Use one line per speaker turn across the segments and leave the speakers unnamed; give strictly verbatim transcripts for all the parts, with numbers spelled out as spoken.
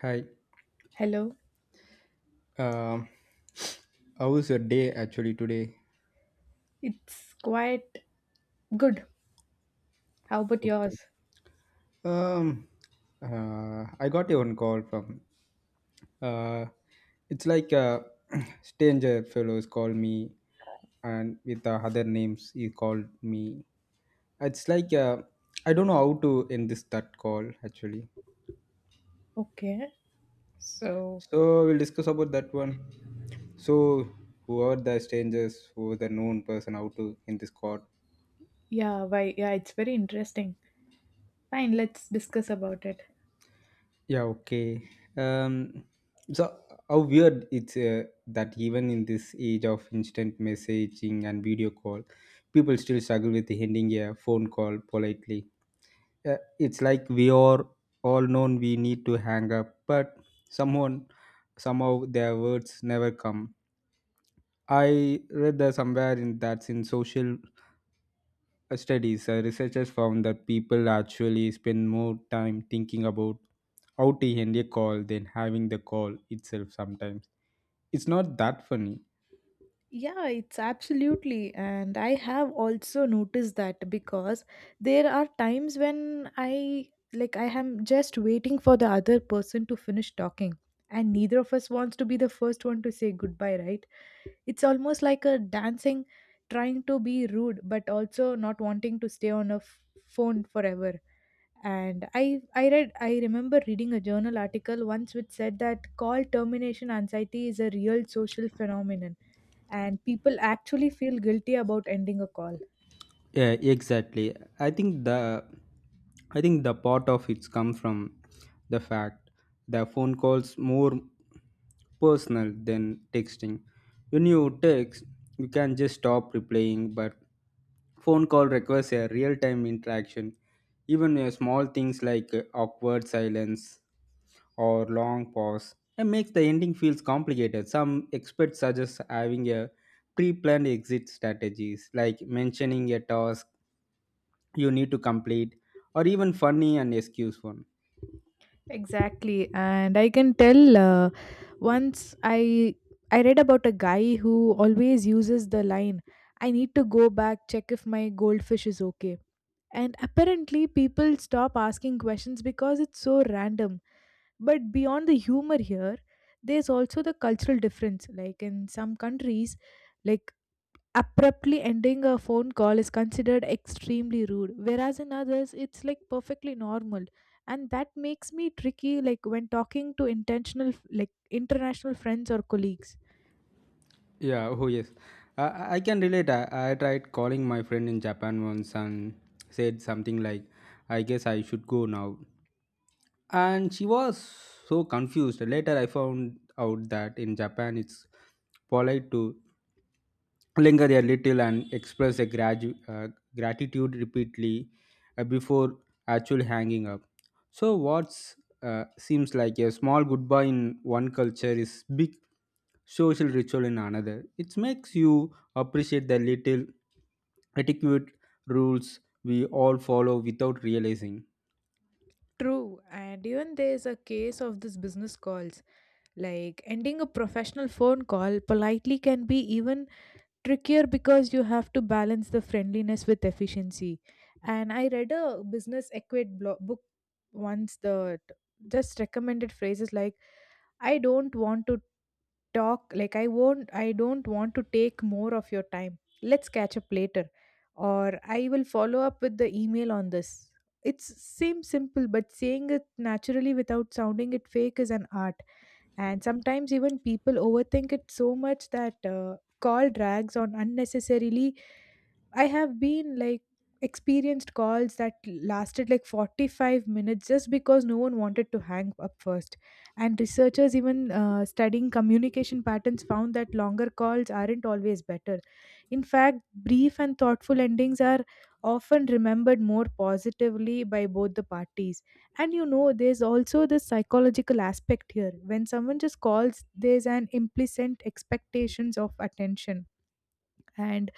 Hi.
Hello.
Um, how was your day actually today?
It's quite good. How about
Okay.
yours?
Um, uh, I got a one call from. Uh, it's like a stranger fellows called me, and with the other names he called me. It's like uh, I don't know how to end this that call actually.
Okay. So,
So we'll discuss about that one. So who are the strangers? Who are the known person? How to end this call?
yeah, why yeah, it's very interesting. Fine, let's discuss about it.
Yeah, okay. Um, so how weird it's uh, that even in this age of instant messaging and video call, people still struggle with ending a phone call politely. Uh, it's like we are all known we need to hang up, but someone somehow their words never come. I read that somewhere in that's in social studies, uh, researchers found that people actually spend more time thinking about how to end a call than having the call itself sometimes. It's not that funny.
Yeah, it's absolutely. And I have also noticed that because there are times when I like I am just waiting for the other person to finish talking, and neither of us wants to be the first one to say goodbye, right? It's almost like a dancing, trying to be rude, but also not wanting to stay on a f- phone forever. And I, I read, I remember reading a journal article once which said that call termination anxiety is a real social phenomenon, and people actually feel guilty about ending a call.
Yeah, exactly. I think the I think the part of it's come from the fact the phone calls more personal than texting. When you text, you can just stop replying, but phone call requires a real-time interaction. Even uh, small things like uh, awkward silence or long pause and makes the ending feels complicated. Some experts suggest having a pre-planned exit strategies like mentioning a task you need to complete or even funny and excuse one.
Exactly, and I can tell. Uh, once I I read about a guy who always uses the line, I need to go back, check if my goldfish is okay. And apparently, people stop asking questions because it's so random. But beyond the humor here, there's also the cultural difference. Like in some countries, like abruptly ending a phone call is considered extremely rude, whereas in others, it's like perfectly normal. And that makes me tricky, like when talking to intentional, like international friends or colleagues.
Yeah oh yes, i, I I can relate. I, I tried calling my friend in Japan once and said something like I guess I should go now, and she was so confused. Later I found out that in Japan it's polite to linger a little and express a gradu- uh, gratitude repeatedly uh, before actually hanging up. So, what uh, seems like a small goodbye in one culture is big social ritual in another. It makes you appreciate the little etiquette rules we all follow without realizing.
True, and even there's a case of this business calls. Like ending a professional phone call politely can be even trickier because you have to balance the friendliness with efficiency. And I read a business equate blo- book once that just recommended phrases like, I don't want to talk like, I won't, I don't want to take more of your time, let's catch up later, or, I will follow up with the email on this. It's seems simple, but saying it naturally without sounding it fake is an art. And sometimes even people overthink it so much that uh, call drags on unnecessarily. I have been like experienced calls that lasted like forty-five minutes just because no one wanted to hang up first. And researchers, even uh, studying communication patterns, found that longer calls aren't always better. In fact, brief and thoughtful endings are often remembered more positively by both the parties. And you know, there's also the psychological aspect here. When someone just calls, there's an implicit expectations of attention. And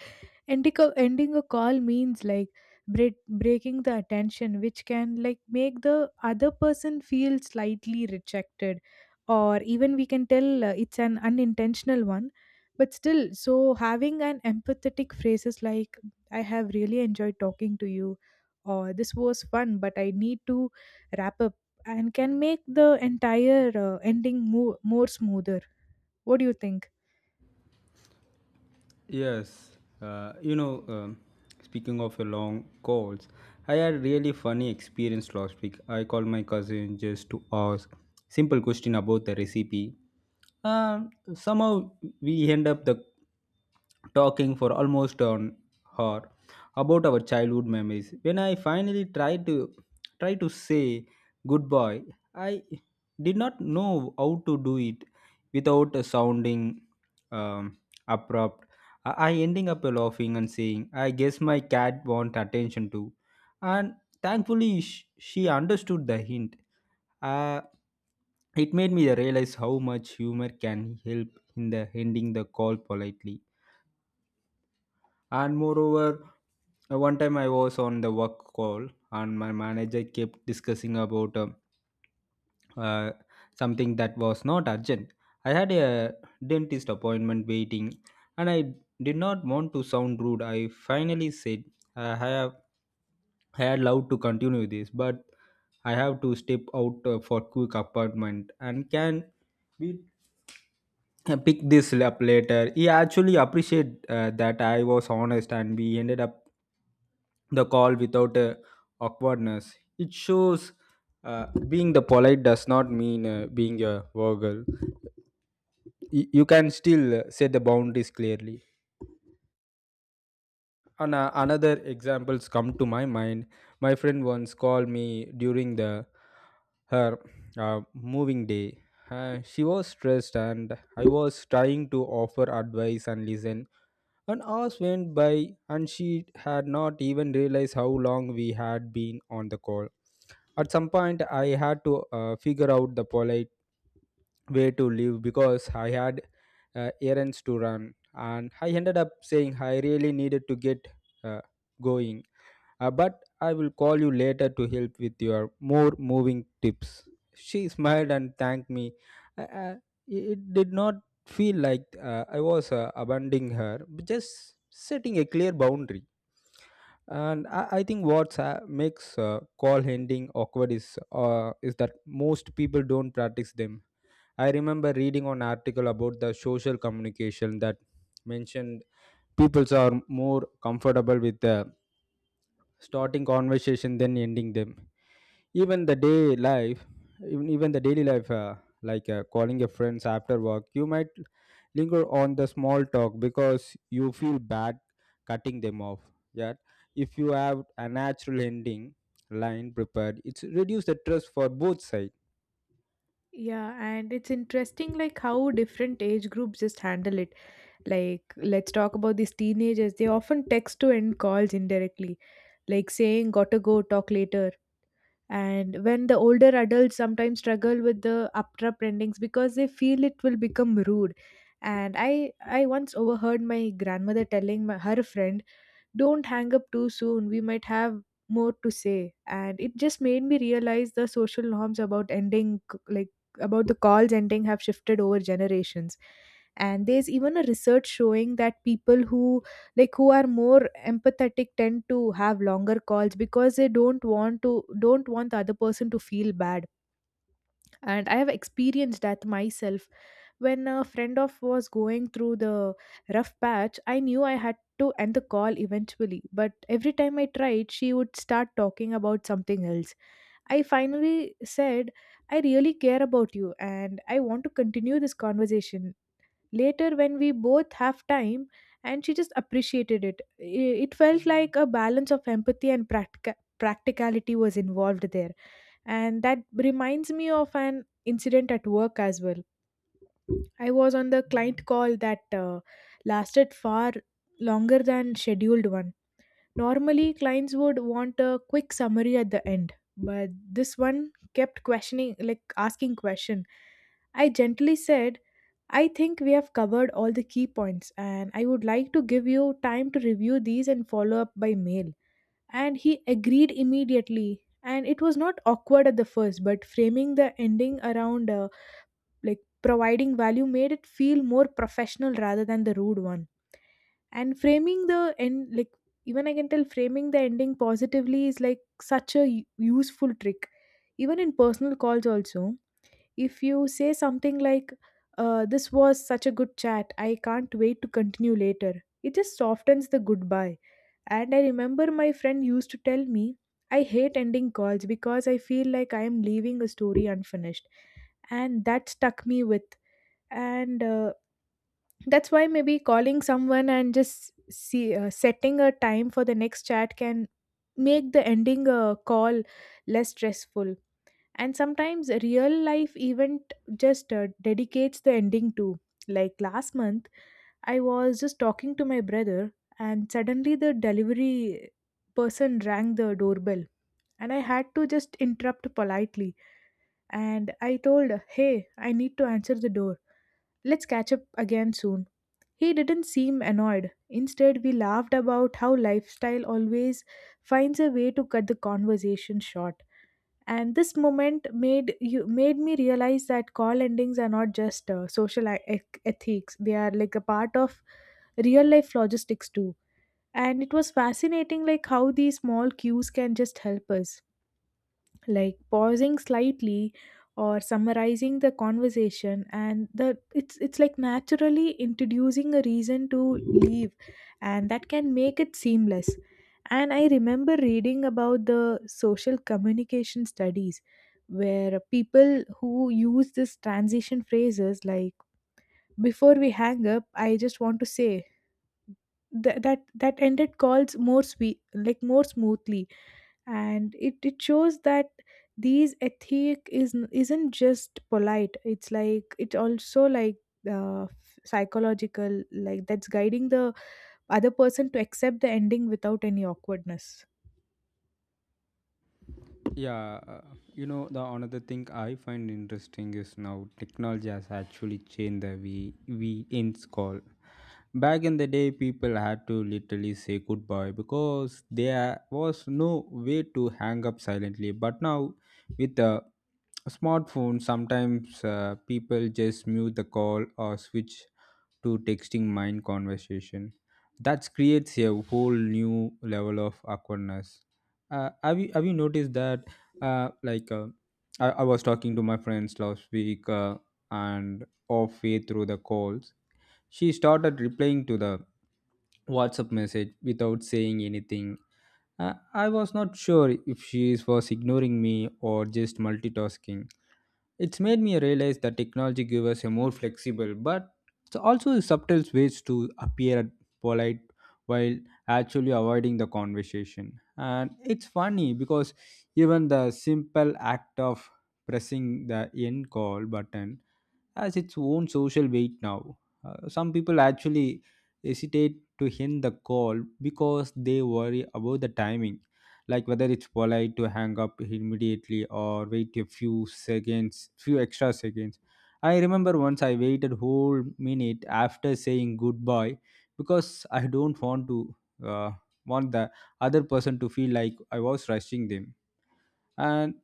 ending a, ending a call means like break, breaking the attention, which can like make the other person feel slightly rejected, or even we can tell uh, it's an unintentional one, but still, so having an empathetic phrases like, I have really enjoyed talking to you, or, this was fun but I need to wrap up, and can make the entire uh, ending more, more smoother. What do you think?
Yes, uh, you know, um, speaking of your long calls, I had a really funny experience last week. I called my cousin just to ask simple question about the recipe. Um, somehow we end up the talking for almost an hour about our childhood memories. When I finally tried to try to say goodbye, I did not know how to do it without sounding um, abrupt. I I ending up laughing and saying, I guess my cat want attention too. And thankfully, sh- she understood the hint. Uh, it made me realize how much humor can help in the ending the call politely. And moreover, uh, one time I was on the work call and my manager kept discussing about um, uh, something that was not urgent. I had a dentist appointment waiting and I did not want to sound rude. I finally said, I have I had loved to continue this, but I have to step out uh, for quick appointment and can we "Uh, pick this up later. He actually appreciated uh, that I was honest and we ended up the call without uh, awkwardness. It shows uh, being the polite does not mean uh, being a vulgar. Y- you can still uh, set the boundaries clearly, and uh, another examples come to my mind. My friend once called me during the her uh, moving day. Uh, she was stressed, and I was trying to offer advice and listen. And hours went by, and she had not even realized how long we had been on the call. At some point, I had to uh, figure out the polite way to leave because I had uh, errands to run, and I ended up saying I really needed to get uh, going. Uh, but I will call you later to help with your more moving tips. She smiled and thanked me. I, I, it did not feel like uh, I was uh, abandoning her, but just setting a clear boundary. And I, I think what uh, makes uh, call handling awkward is uh, is that most people don't practice them. I remember reading an article about the social communication that mentioned people are more comfortable with the starting conversation then ending them, even the day life, even, even the daily life, uh, like uh, calling your friends after work. You might linger on the small talk because you feel bad cutting them off, yet if you have a natural ending line prepared it's reduce the trust for both sides.
Yeah, and it's interesting like how different age groups just handle it. Like let's talk about these teenagers. They often text to end calls indirectly, like saying gotta go, talk later. And when the older adults sometimes struggle with the abrupt endings because they feel it will become rude. And I I once overheard my grandmother telling my, her friend, don't hang up too soon, we might have more to say. And it just made me realize the social norms about ending c- like, about the calls ending have shifted over generations. And there's even a research showing that people who like who are more empathetic tend to have longer calls because they don't want to, don't want the other person to feel bad. And I have experienced that myself. When a friend of was going through the rough patch, I knew I had to end the call eventually, but every time I tried, she would start talking about something else. I finally said, I really care about you, and I want to continue this conversation later when we both have time. And she just appreciated it. I- it felt like a balance of empathy and practica- practicality was involved there. And that reminds me of an incident at work as well. I was on the client call that uh, lasted far longer than scheduled one. Normally clients would want a quick summary at the end, but this one kept questioning, like asking question. I gently said, I think we have covered all the key points, and I would like to give you time to review these and follow up by mail. And he agreed immediately, and it was not awkward at the first, but framing the ending around uh, like, providing value made it feel more professional rather than the rude one. And framing the end like, even I can tell framing the ending positively is like such a u- useful trick. Even in personal calls also, if you say something like, uh, this was such a good chat, I can't wait to continue later, it just softens the goodbye. And I remember my friend used to tell me, I hate ending calls because I feel like I am leaving a story unfinished. And that stuck me with. And uh, that's why maybe calling someone and just see uh, setting a time for the next chat can make the ending a call less stressful. And sometimes a real life event just uh, dedicates the ending to, like last month I was just talking to my brother, and suddenly the delivery person rang the doorbell, and I had to just interrupt politely. And I told, hey, I need to answer the door, let's catch up again soon. He didn't seem annoyed. Instead, we laughed about how lifestyle always finds a way to cut the conversation short. And this moment made you made me realize that call endings are not just uh, social e- ec- ethics, they are like a part of real life logistics too. And it was fascinating like how these small cues can just help us, like pausing slightly or summarizing the conversation. And the it's it's like naturally introducing a reason to leave, and that can make it seamless. And I remember reading about the social communication studies where people who use this transition phrases like, before we hang up I just want to say that that, that ended calls more sweet like more smoothly. And it, it shows that these ethic is isn't just polite, it's like it's also like uh, psychological, like that's guiding the other person to accept the ending without any awkwardness.
Yeah, uh, you know the another thing I find interesting is now technology has actually changed the we we ends call. Back in the day, people had to literally say goodbye because there was no way to hang up silently. But now, with the smartphone, sometimes uh, people just mute the call or switch to texting mind conversation. That creates a whole new level of awkwardness. Uh, have you have you noticed that uh, like uh, I, I was talking to my friends last week uh, and halfway through the calls she started replying to the WhatsApp message without saying anything. uh, I was not sure if she was ignoring me or just multitasking. It's made me realize that technology gives us a more flexible but it's also subtle ways to appear polite while actually avoiding the conversation. And it's funny because even the simple act of pressing the end call button has its own social weight now. Uh, some people actually hesitate to hint the call because they worry about the timing, like whether it's polite to hang up immediately or wait a few seconds, few extra seconds. I remember once I waited whole minute after saying goodbye because I don't want to uh, want the other person to feel like I was rushing them, and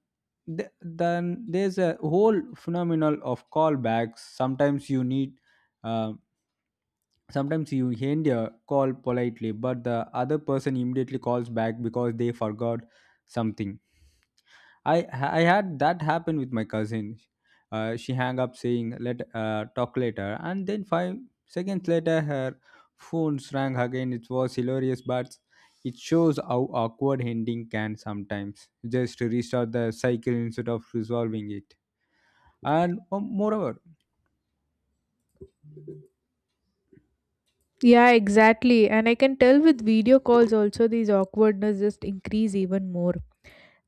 th- then there's a whole phenomenal of callbacks sometimes you need, uh, sometimes you end your call politely but the other person immediately calls back because they forgot something. I I had that happen with my cousin. Uh, she hung up saying let uh, talk later, and then five seconds later her phone rang again. It was hilarious, but it shows how awkward ending can sometimes just restart the cycle instead of resolving it. And um, moreover,
Yeah, exactly. And I can tell with video calls also, these awkwardness just increase even more.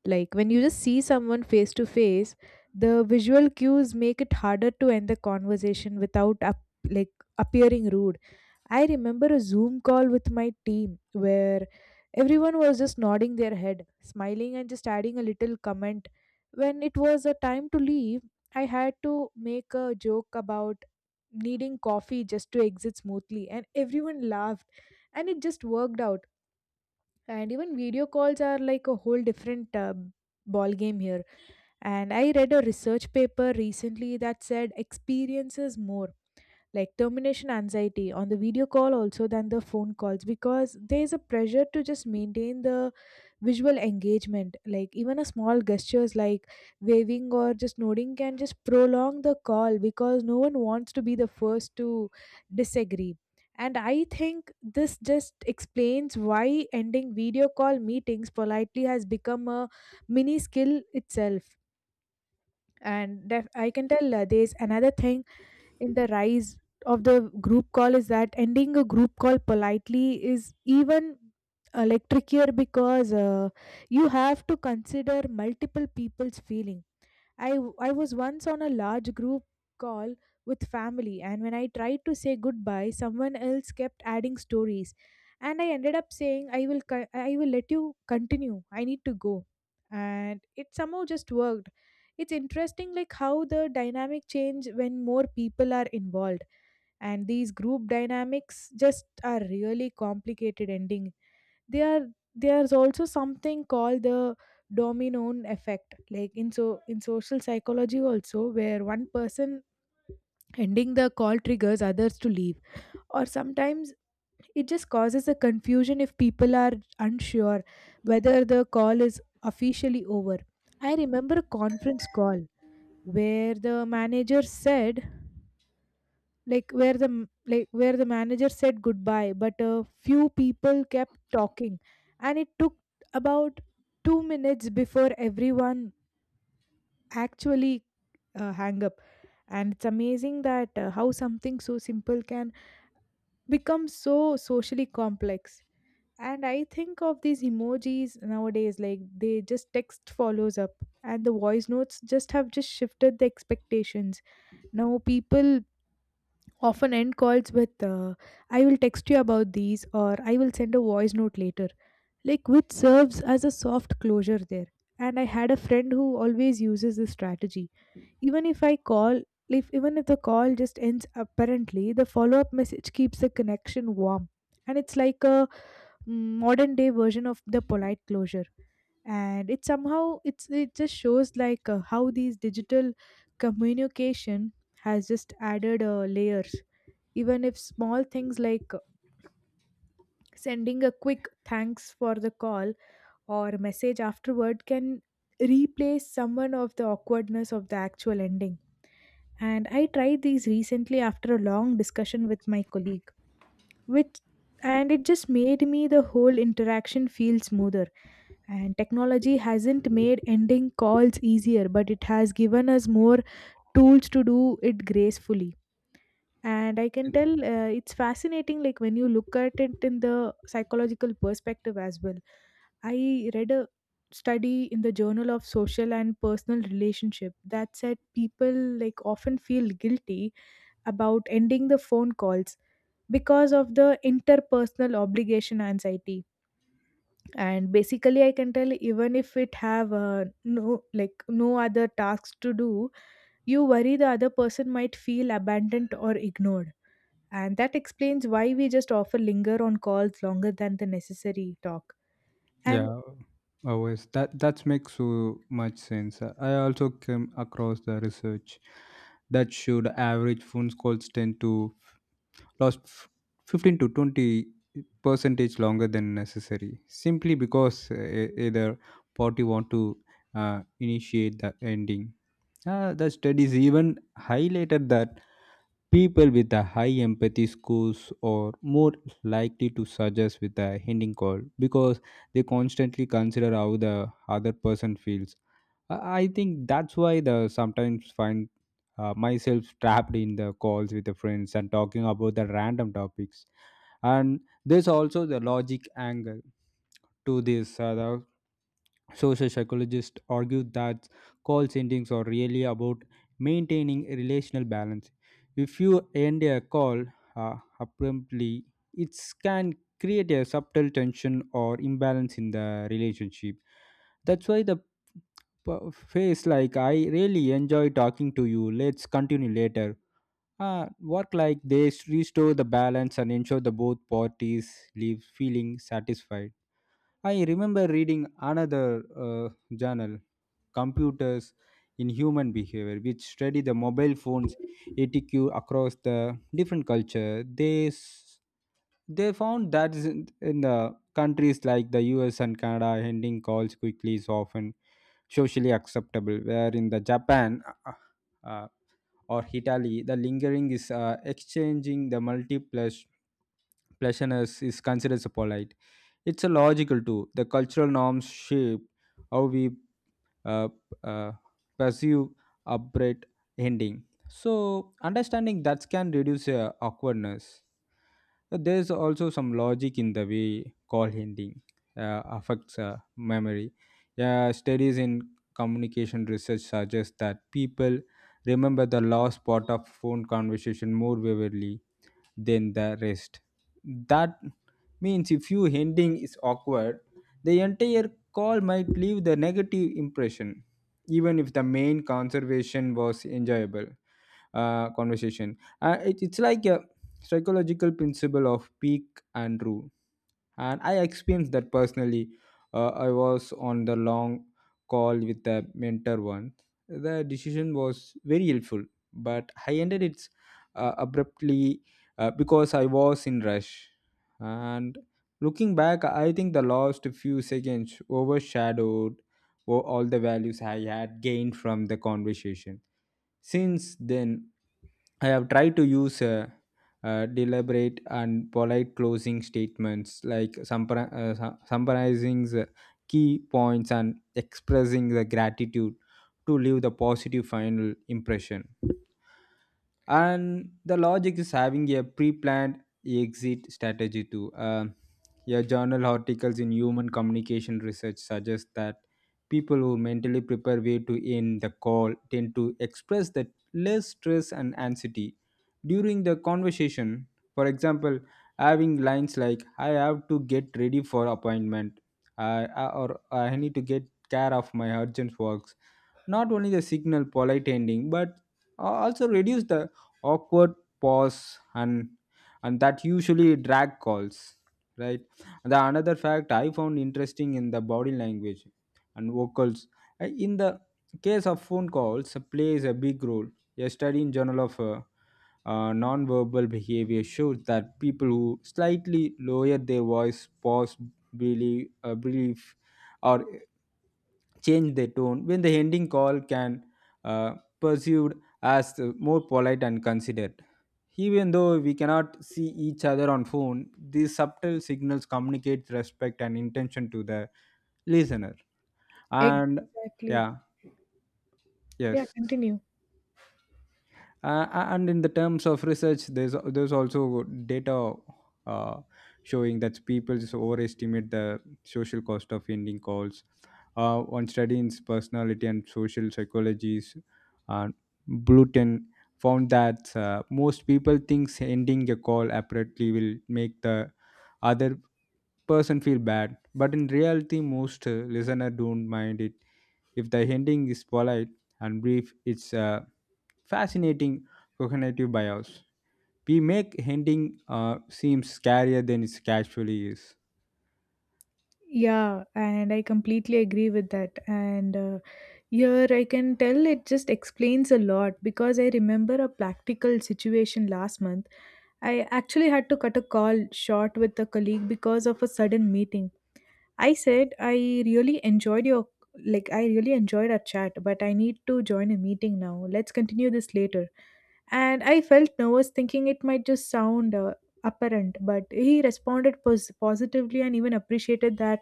Like when you just see someone face to face, the visual cues make it harder to end the conversation without up, like appearing rude. I remember a Zoom call with my team where everyone was just nodding their head, smiling, and just adding a little comment. When it was a time to leave, I had to make a joke about needing coffee just to exit smoothly, and everyone laughed, and it just worked out. And even video calls are like a whole different uh, ball game here. And I read a research paper recently that said experiences more like termination anxiety on the video call also than the phone calls, because there is a pressure to just maintain the visual engagement, like even a small gestures like waving or just nodding can just prolong the call because no one wants to be the first to disagree. And I think this just explains why ending video call meetings politely has become a mini skill itself. And def- I can tell uh, there's another thing in the rise of the group call is that ending a group call politely is even uh, like trickier because uh, you have to consider multiple people's feelings. I, w- I was once on a large group call with family, and when I tried to say goodbye, someone else kept adding stories. And I ended up saying, I will, co- I will let you continue. I need to go. And it somehow just worked. It's interesting, like how the dynamic change when more people are involved and these group dynamics just are really complicated ending they are there's also something called the domino effect like in so in social psychology also where one person ending the call triggers others to leave, or sometimes it just causes a confusion if people are unsure whether the call is officially over. I remember a conference call where the manager said like where the m- like where the manager said goodbye but a few people kept talking and it took about two minutes before everyone actually uh, hang up. And it's amazing that uh, how something so simple can become so socially complex. And I think of these emojis nowadays, like they just text follows up and the voice notes just have just shifted the expectations. Now people often end calls with, uh, I will text you about these, or I will send a voice note later, like which serves as a soft closure there. And I had a friend who always uses this strategy. Even if i call if even if the call just ends, apparently the follow up message keeps the connection warm. And it's like a modern day version of the polite closure. And it somehow it's it just shows, like uh, how these digital communication has just added uh, layers. Even if small things like sending a quick thanks for the call or message afterward can replace someone of the awkwardness of the actual ending. And I tried these recently after a long discussion with my colleague, which and it just made me the whole interaction feel smoother. And technology hasn't made ending calls easier, but it has given us more tools to do it gracefully. And I can tell uh, it's fascinating like when you look at it in the psychological perspective as well. I read a study in the Journal of Social and Personal Relationship that said people, like, often feel guilty about ending the phone calls because of the interpersonal obligation anxiety. And basically I can tell even if it have uh, no like no other tasks to do, you worry the other person might feel abandoned or ignored. And that explains why we just often linger on calls longer than the necessary talk. And
yeah, always that that makes so much sense. I also came across the research that showed average phone calls tend to last f- fifteen to twenty percentage longer than necessary simply because uh, e- either party want to uh, initiate the ending. Uh, the studies even highlighted that people with a high empathy scores are more likely to suggest with a hinting call because they constantly consider how the other person feels. I I think that's why the sometimes find uh, myself trapped in the calls with the friends and talking about the random topics. And there's also the logic angle to this. Uh, the social psychologists argue that call endings are really about maintaining a relational balance. If you end a call uh, abruptly, it can create a subtle tension or imbalance in the relationship. That's why the p- face like I really enjoy talking to you. Let's continue later. Uh, work like this, restore the balance and ensure the both parties leave feeling satisfied. I remember reading another uh, journal, Computers in Human Behavior, which study the mobile phones A T Q across the different culture. They s- they found that is in in the countries like the U S and Canada, ending calls quickly is often socially acceptable, where in the Japan uh, uh, or Italy, the lingering is uh, exchanging the multiple pleasantness is considered as polite. It's a logical too. The cultural norms shape how we uh, uh, perceive upright ending. So understanding that can reduce uh, awkwardness. There is also some logic in the way call ending uh, affects uh, memory. Yeah, studies in communication research suggest that people remember the last part of phone conversation more vividly than the rest. That means if your ending is awkward, the entire call might leave the negative impression, even if the main conservation was enjoyable uh, conversation. Uh, it, it's like a psychological principle of peak and rule, and I experienced that personally. uh, I was on the long call with the mentor once. The decision was very helpful, but I ended it uh, abruptly uh, because I was in rush. And looking back, I think the last few seconds overshadowed o- all the values I had gained from the conversation. Since then, I have tried to use a, uh, deliberate and polite closing statements like summar- uh, su- summarizing the key points and expressing the gratitude to leave the positive final impression. And the logic is having a pre-planned exit strategy too. Um yeah, journal articles in human communication research suggest that people who mentally prepare way to end the call tend to express that less stress and anxiety during the conversation. For example, having lines like I have to get ready for appointment, I or I need to get care of my urgent works, not only the signal polite ending but also reduce the awkward pause and and that usually drag calls, right. The another fact I found interesting in the body language and vocals. Uh, in the case of phone calls uh, plays a big role. A study in journal of uh, uh, non behavior shows that people who slightly lower their voice pause believe, uh, brief, or change the tone when the ending call can uh, perceived as uh, more polite and considered, even though we cannot see each other on phone. These subtle signals communicate respect and intention to the listener and
exactly.
yeah. Yes,
Yeah, continue.
uh, and in the terms of research there's there's also data uh, showing that people just overestimate the social cost of ending calls. Uh, on studying personality and social psychologies, uh, Bluton found that uh, most people thinks ending a call abruptly will make the other person feel bad, but in reality most uh, listener don't mind it if the ending is polite and brief. It's uh, Fascinating cognitive bias. We make ending uh, seem scarier than it actually is.
Yeah, and I completely agree with that. And uh, here I can tell it just explains a lot because I remember a practical situation last month. I actually had to cut a call short with a colleague because of a sudden meeting. I said I really enjoyed your like I really enjoyed our chat, but I need to join a meeting now. Let's continue this later. And I felt nervous thinking it might just sound uh, apparent, but he responded pos- positively and even appreciated that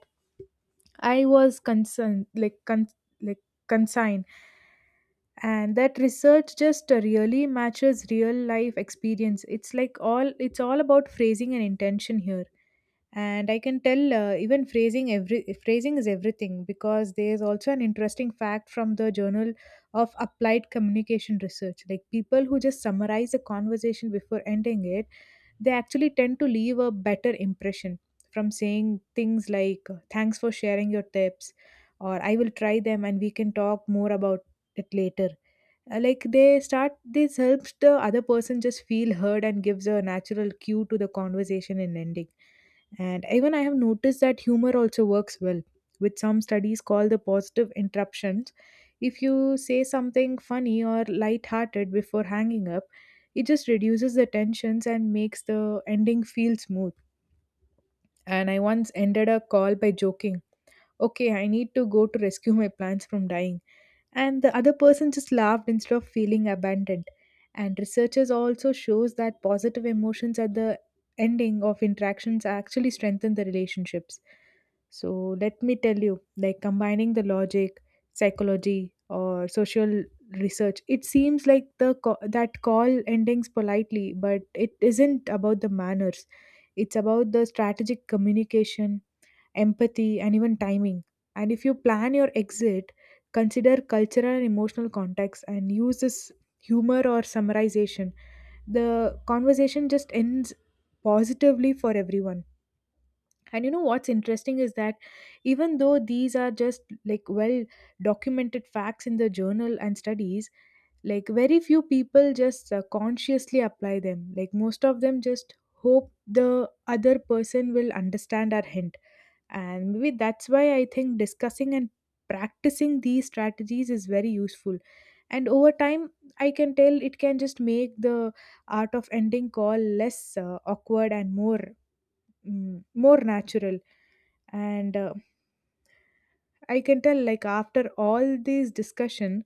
I was concerned, like con- like consigned. And that research just uh, really matches real life experience. It's like all it's all about phrasing and intention here. And I can tell uh, even phrasing, every phrasing is everything because there's also an interesting fact from the Journal of Applied Communication Research, like people who just summarize a conversation before ending it, they actually tend to leave a better impression from saying things like thanks for sharing your tips, or I will try them and we can talk more about it later. Uh, like they start, this helps the other person just feel heard and gives a natural cue to the conversation and ending. And even I have noticed that humor also works well, which some studies call the positive interruptions. If you say something funny or light-hearted before hanging up, it just reduces the tensions and makes the ending feel smooth. And I once ended a call by joking, okay, I need to go to rescue my plants from dying, and the other person just laughed instead of feeling abandoned. And researchers also shows that positive emotions at the ending of interactions actually strengthen the relationships. So let me tell you, like combining the logic, psychology, or social research, it seems like the co- that call endings politely but it isn't about the manners. It's about the strategic communication, empathy, and even timing. And if you plan your exit, consider cultural and emotional context and use this humor or summarization, the conversation just ends positively for everyone. And you know what's interesting is that even though these are just, like, well documented facts in the journal and studies, like very few people just uh, consciously apply them. Like most of them just hope the other person will understand our hint. And maybe that's why I think discussing and practicing these strategies is very useful. And over time, I can tell it can just make the art of ending call less uh, awkward and more mm, more natural. And uh, I can tell, like after all this discussion,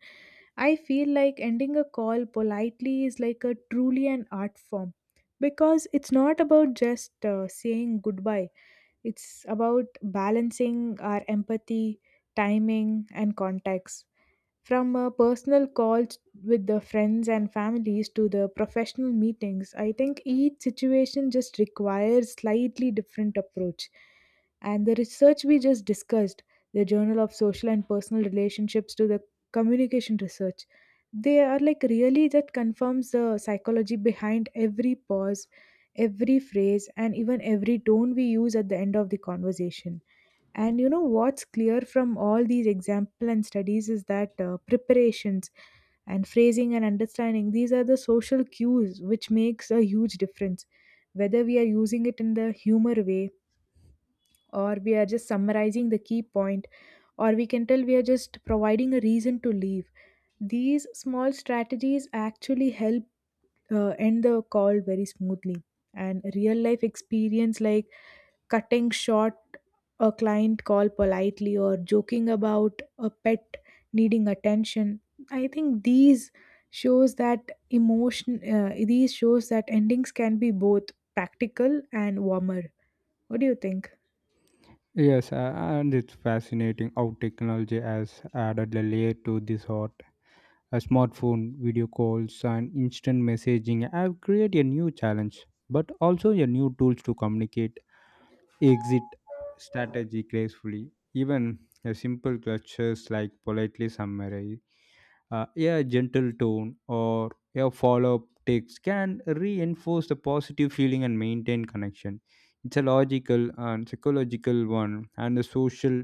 I feel like ending a call politely is like a truly an art form, because it's not about just uh, saying goodbye. It's about balancing our empathy, timing, and context. From uh, personal calls with the friends and families to the professional meetings, I think each situation just requires slightly different approach. And the research we just discussed, the Journal of Social and Personal Relationships to the communication research, they are, like, really that confirms the psychology behind every pause, every phrase, and even every tone we use at the end of the conversation. And you know what's clear from all these example and studies is that uh, preparations and phrasing and understanding these are the social cues which makes a huge difference. Whether we are using it in the humor way, or we are just summarizing the key point, or we can tell we are just providing a reason to leave, these small strategies actually help uh, end the call very smoothly. And real life experience like cutting short a client call politely or joking about a pet needing attention, I think these shows that emotion, uh, these shows that endings can be both practical and warmer. What do you think?
Yes, uh, and it's fascinating how technology has added a layer to this art. A smartphone, video calls, and instant messaging have created a new challenge, but also a new tools to communicate exit strategy gracefully. Even a simple gestures like politely summarize. Uh, a gentle tone or a follow up text can reinforce the positive feeling and maintain connection. It's a logical and psychological one, and the social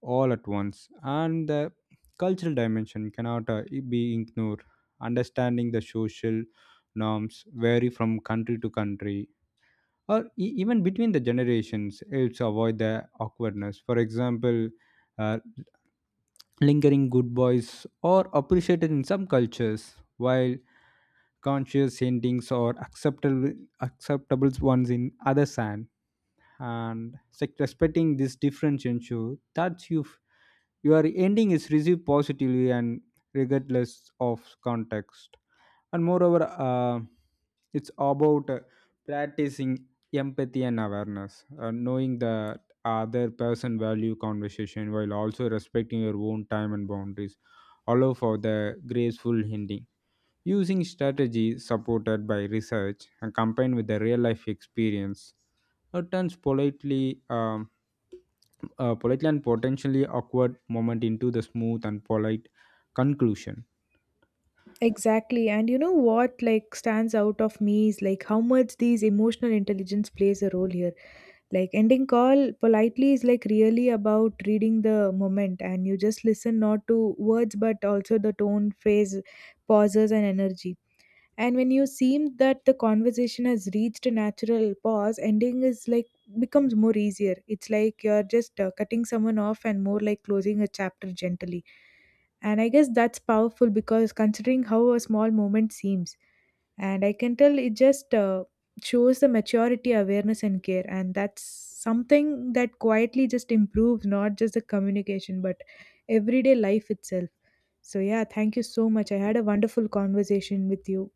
all at once. And the cultural dimension cannot uh, be ignored. Understanding the social norms vary from country to country or e- even between the generations helps avoid the awkwardness. For example, uh, lingering good boys or appreciated in some cultures, while conscious endings are acceptable acceptable ones in others. And and sec- respecting this difference ensure that you your ending is received positively and regardless of context. And moreover, uh, it's about uh, practicing empathy and awareness. Uh, knowing the other person value conversation while also respecting your own time and boundaries allow for the graceful ending, using strategies supported by research and combined with the real life experience uh, turns politely um, uh, politely and potentially awkward moment into the smooth and polite conclusion.
Exactly. And you know what, like, stands out of me is like how much these emotional intelligence plays a role here. Like ending call politely is like really about reading the moment and you just listen not to words but also the tone, phrase, pauses and energy. And when you seem that the conversation has reached a natural pause, ending is like becomes more easier. It's like you're just uh, cutting someone off and more like closing a chapter gently. And I guess that's powerful because considering how a small moment seems. And I can tell it just uh, shows the maturity, awareness, and care. And that's something that quietly just improves not just the communication, but everyday life itself. So, yeah, thank you so much. I had a wonderful conversation with you.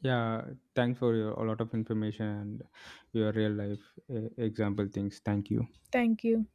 Yeah, thanks for your a lot of information and your real life uh, example things. Thank you.
Thank you.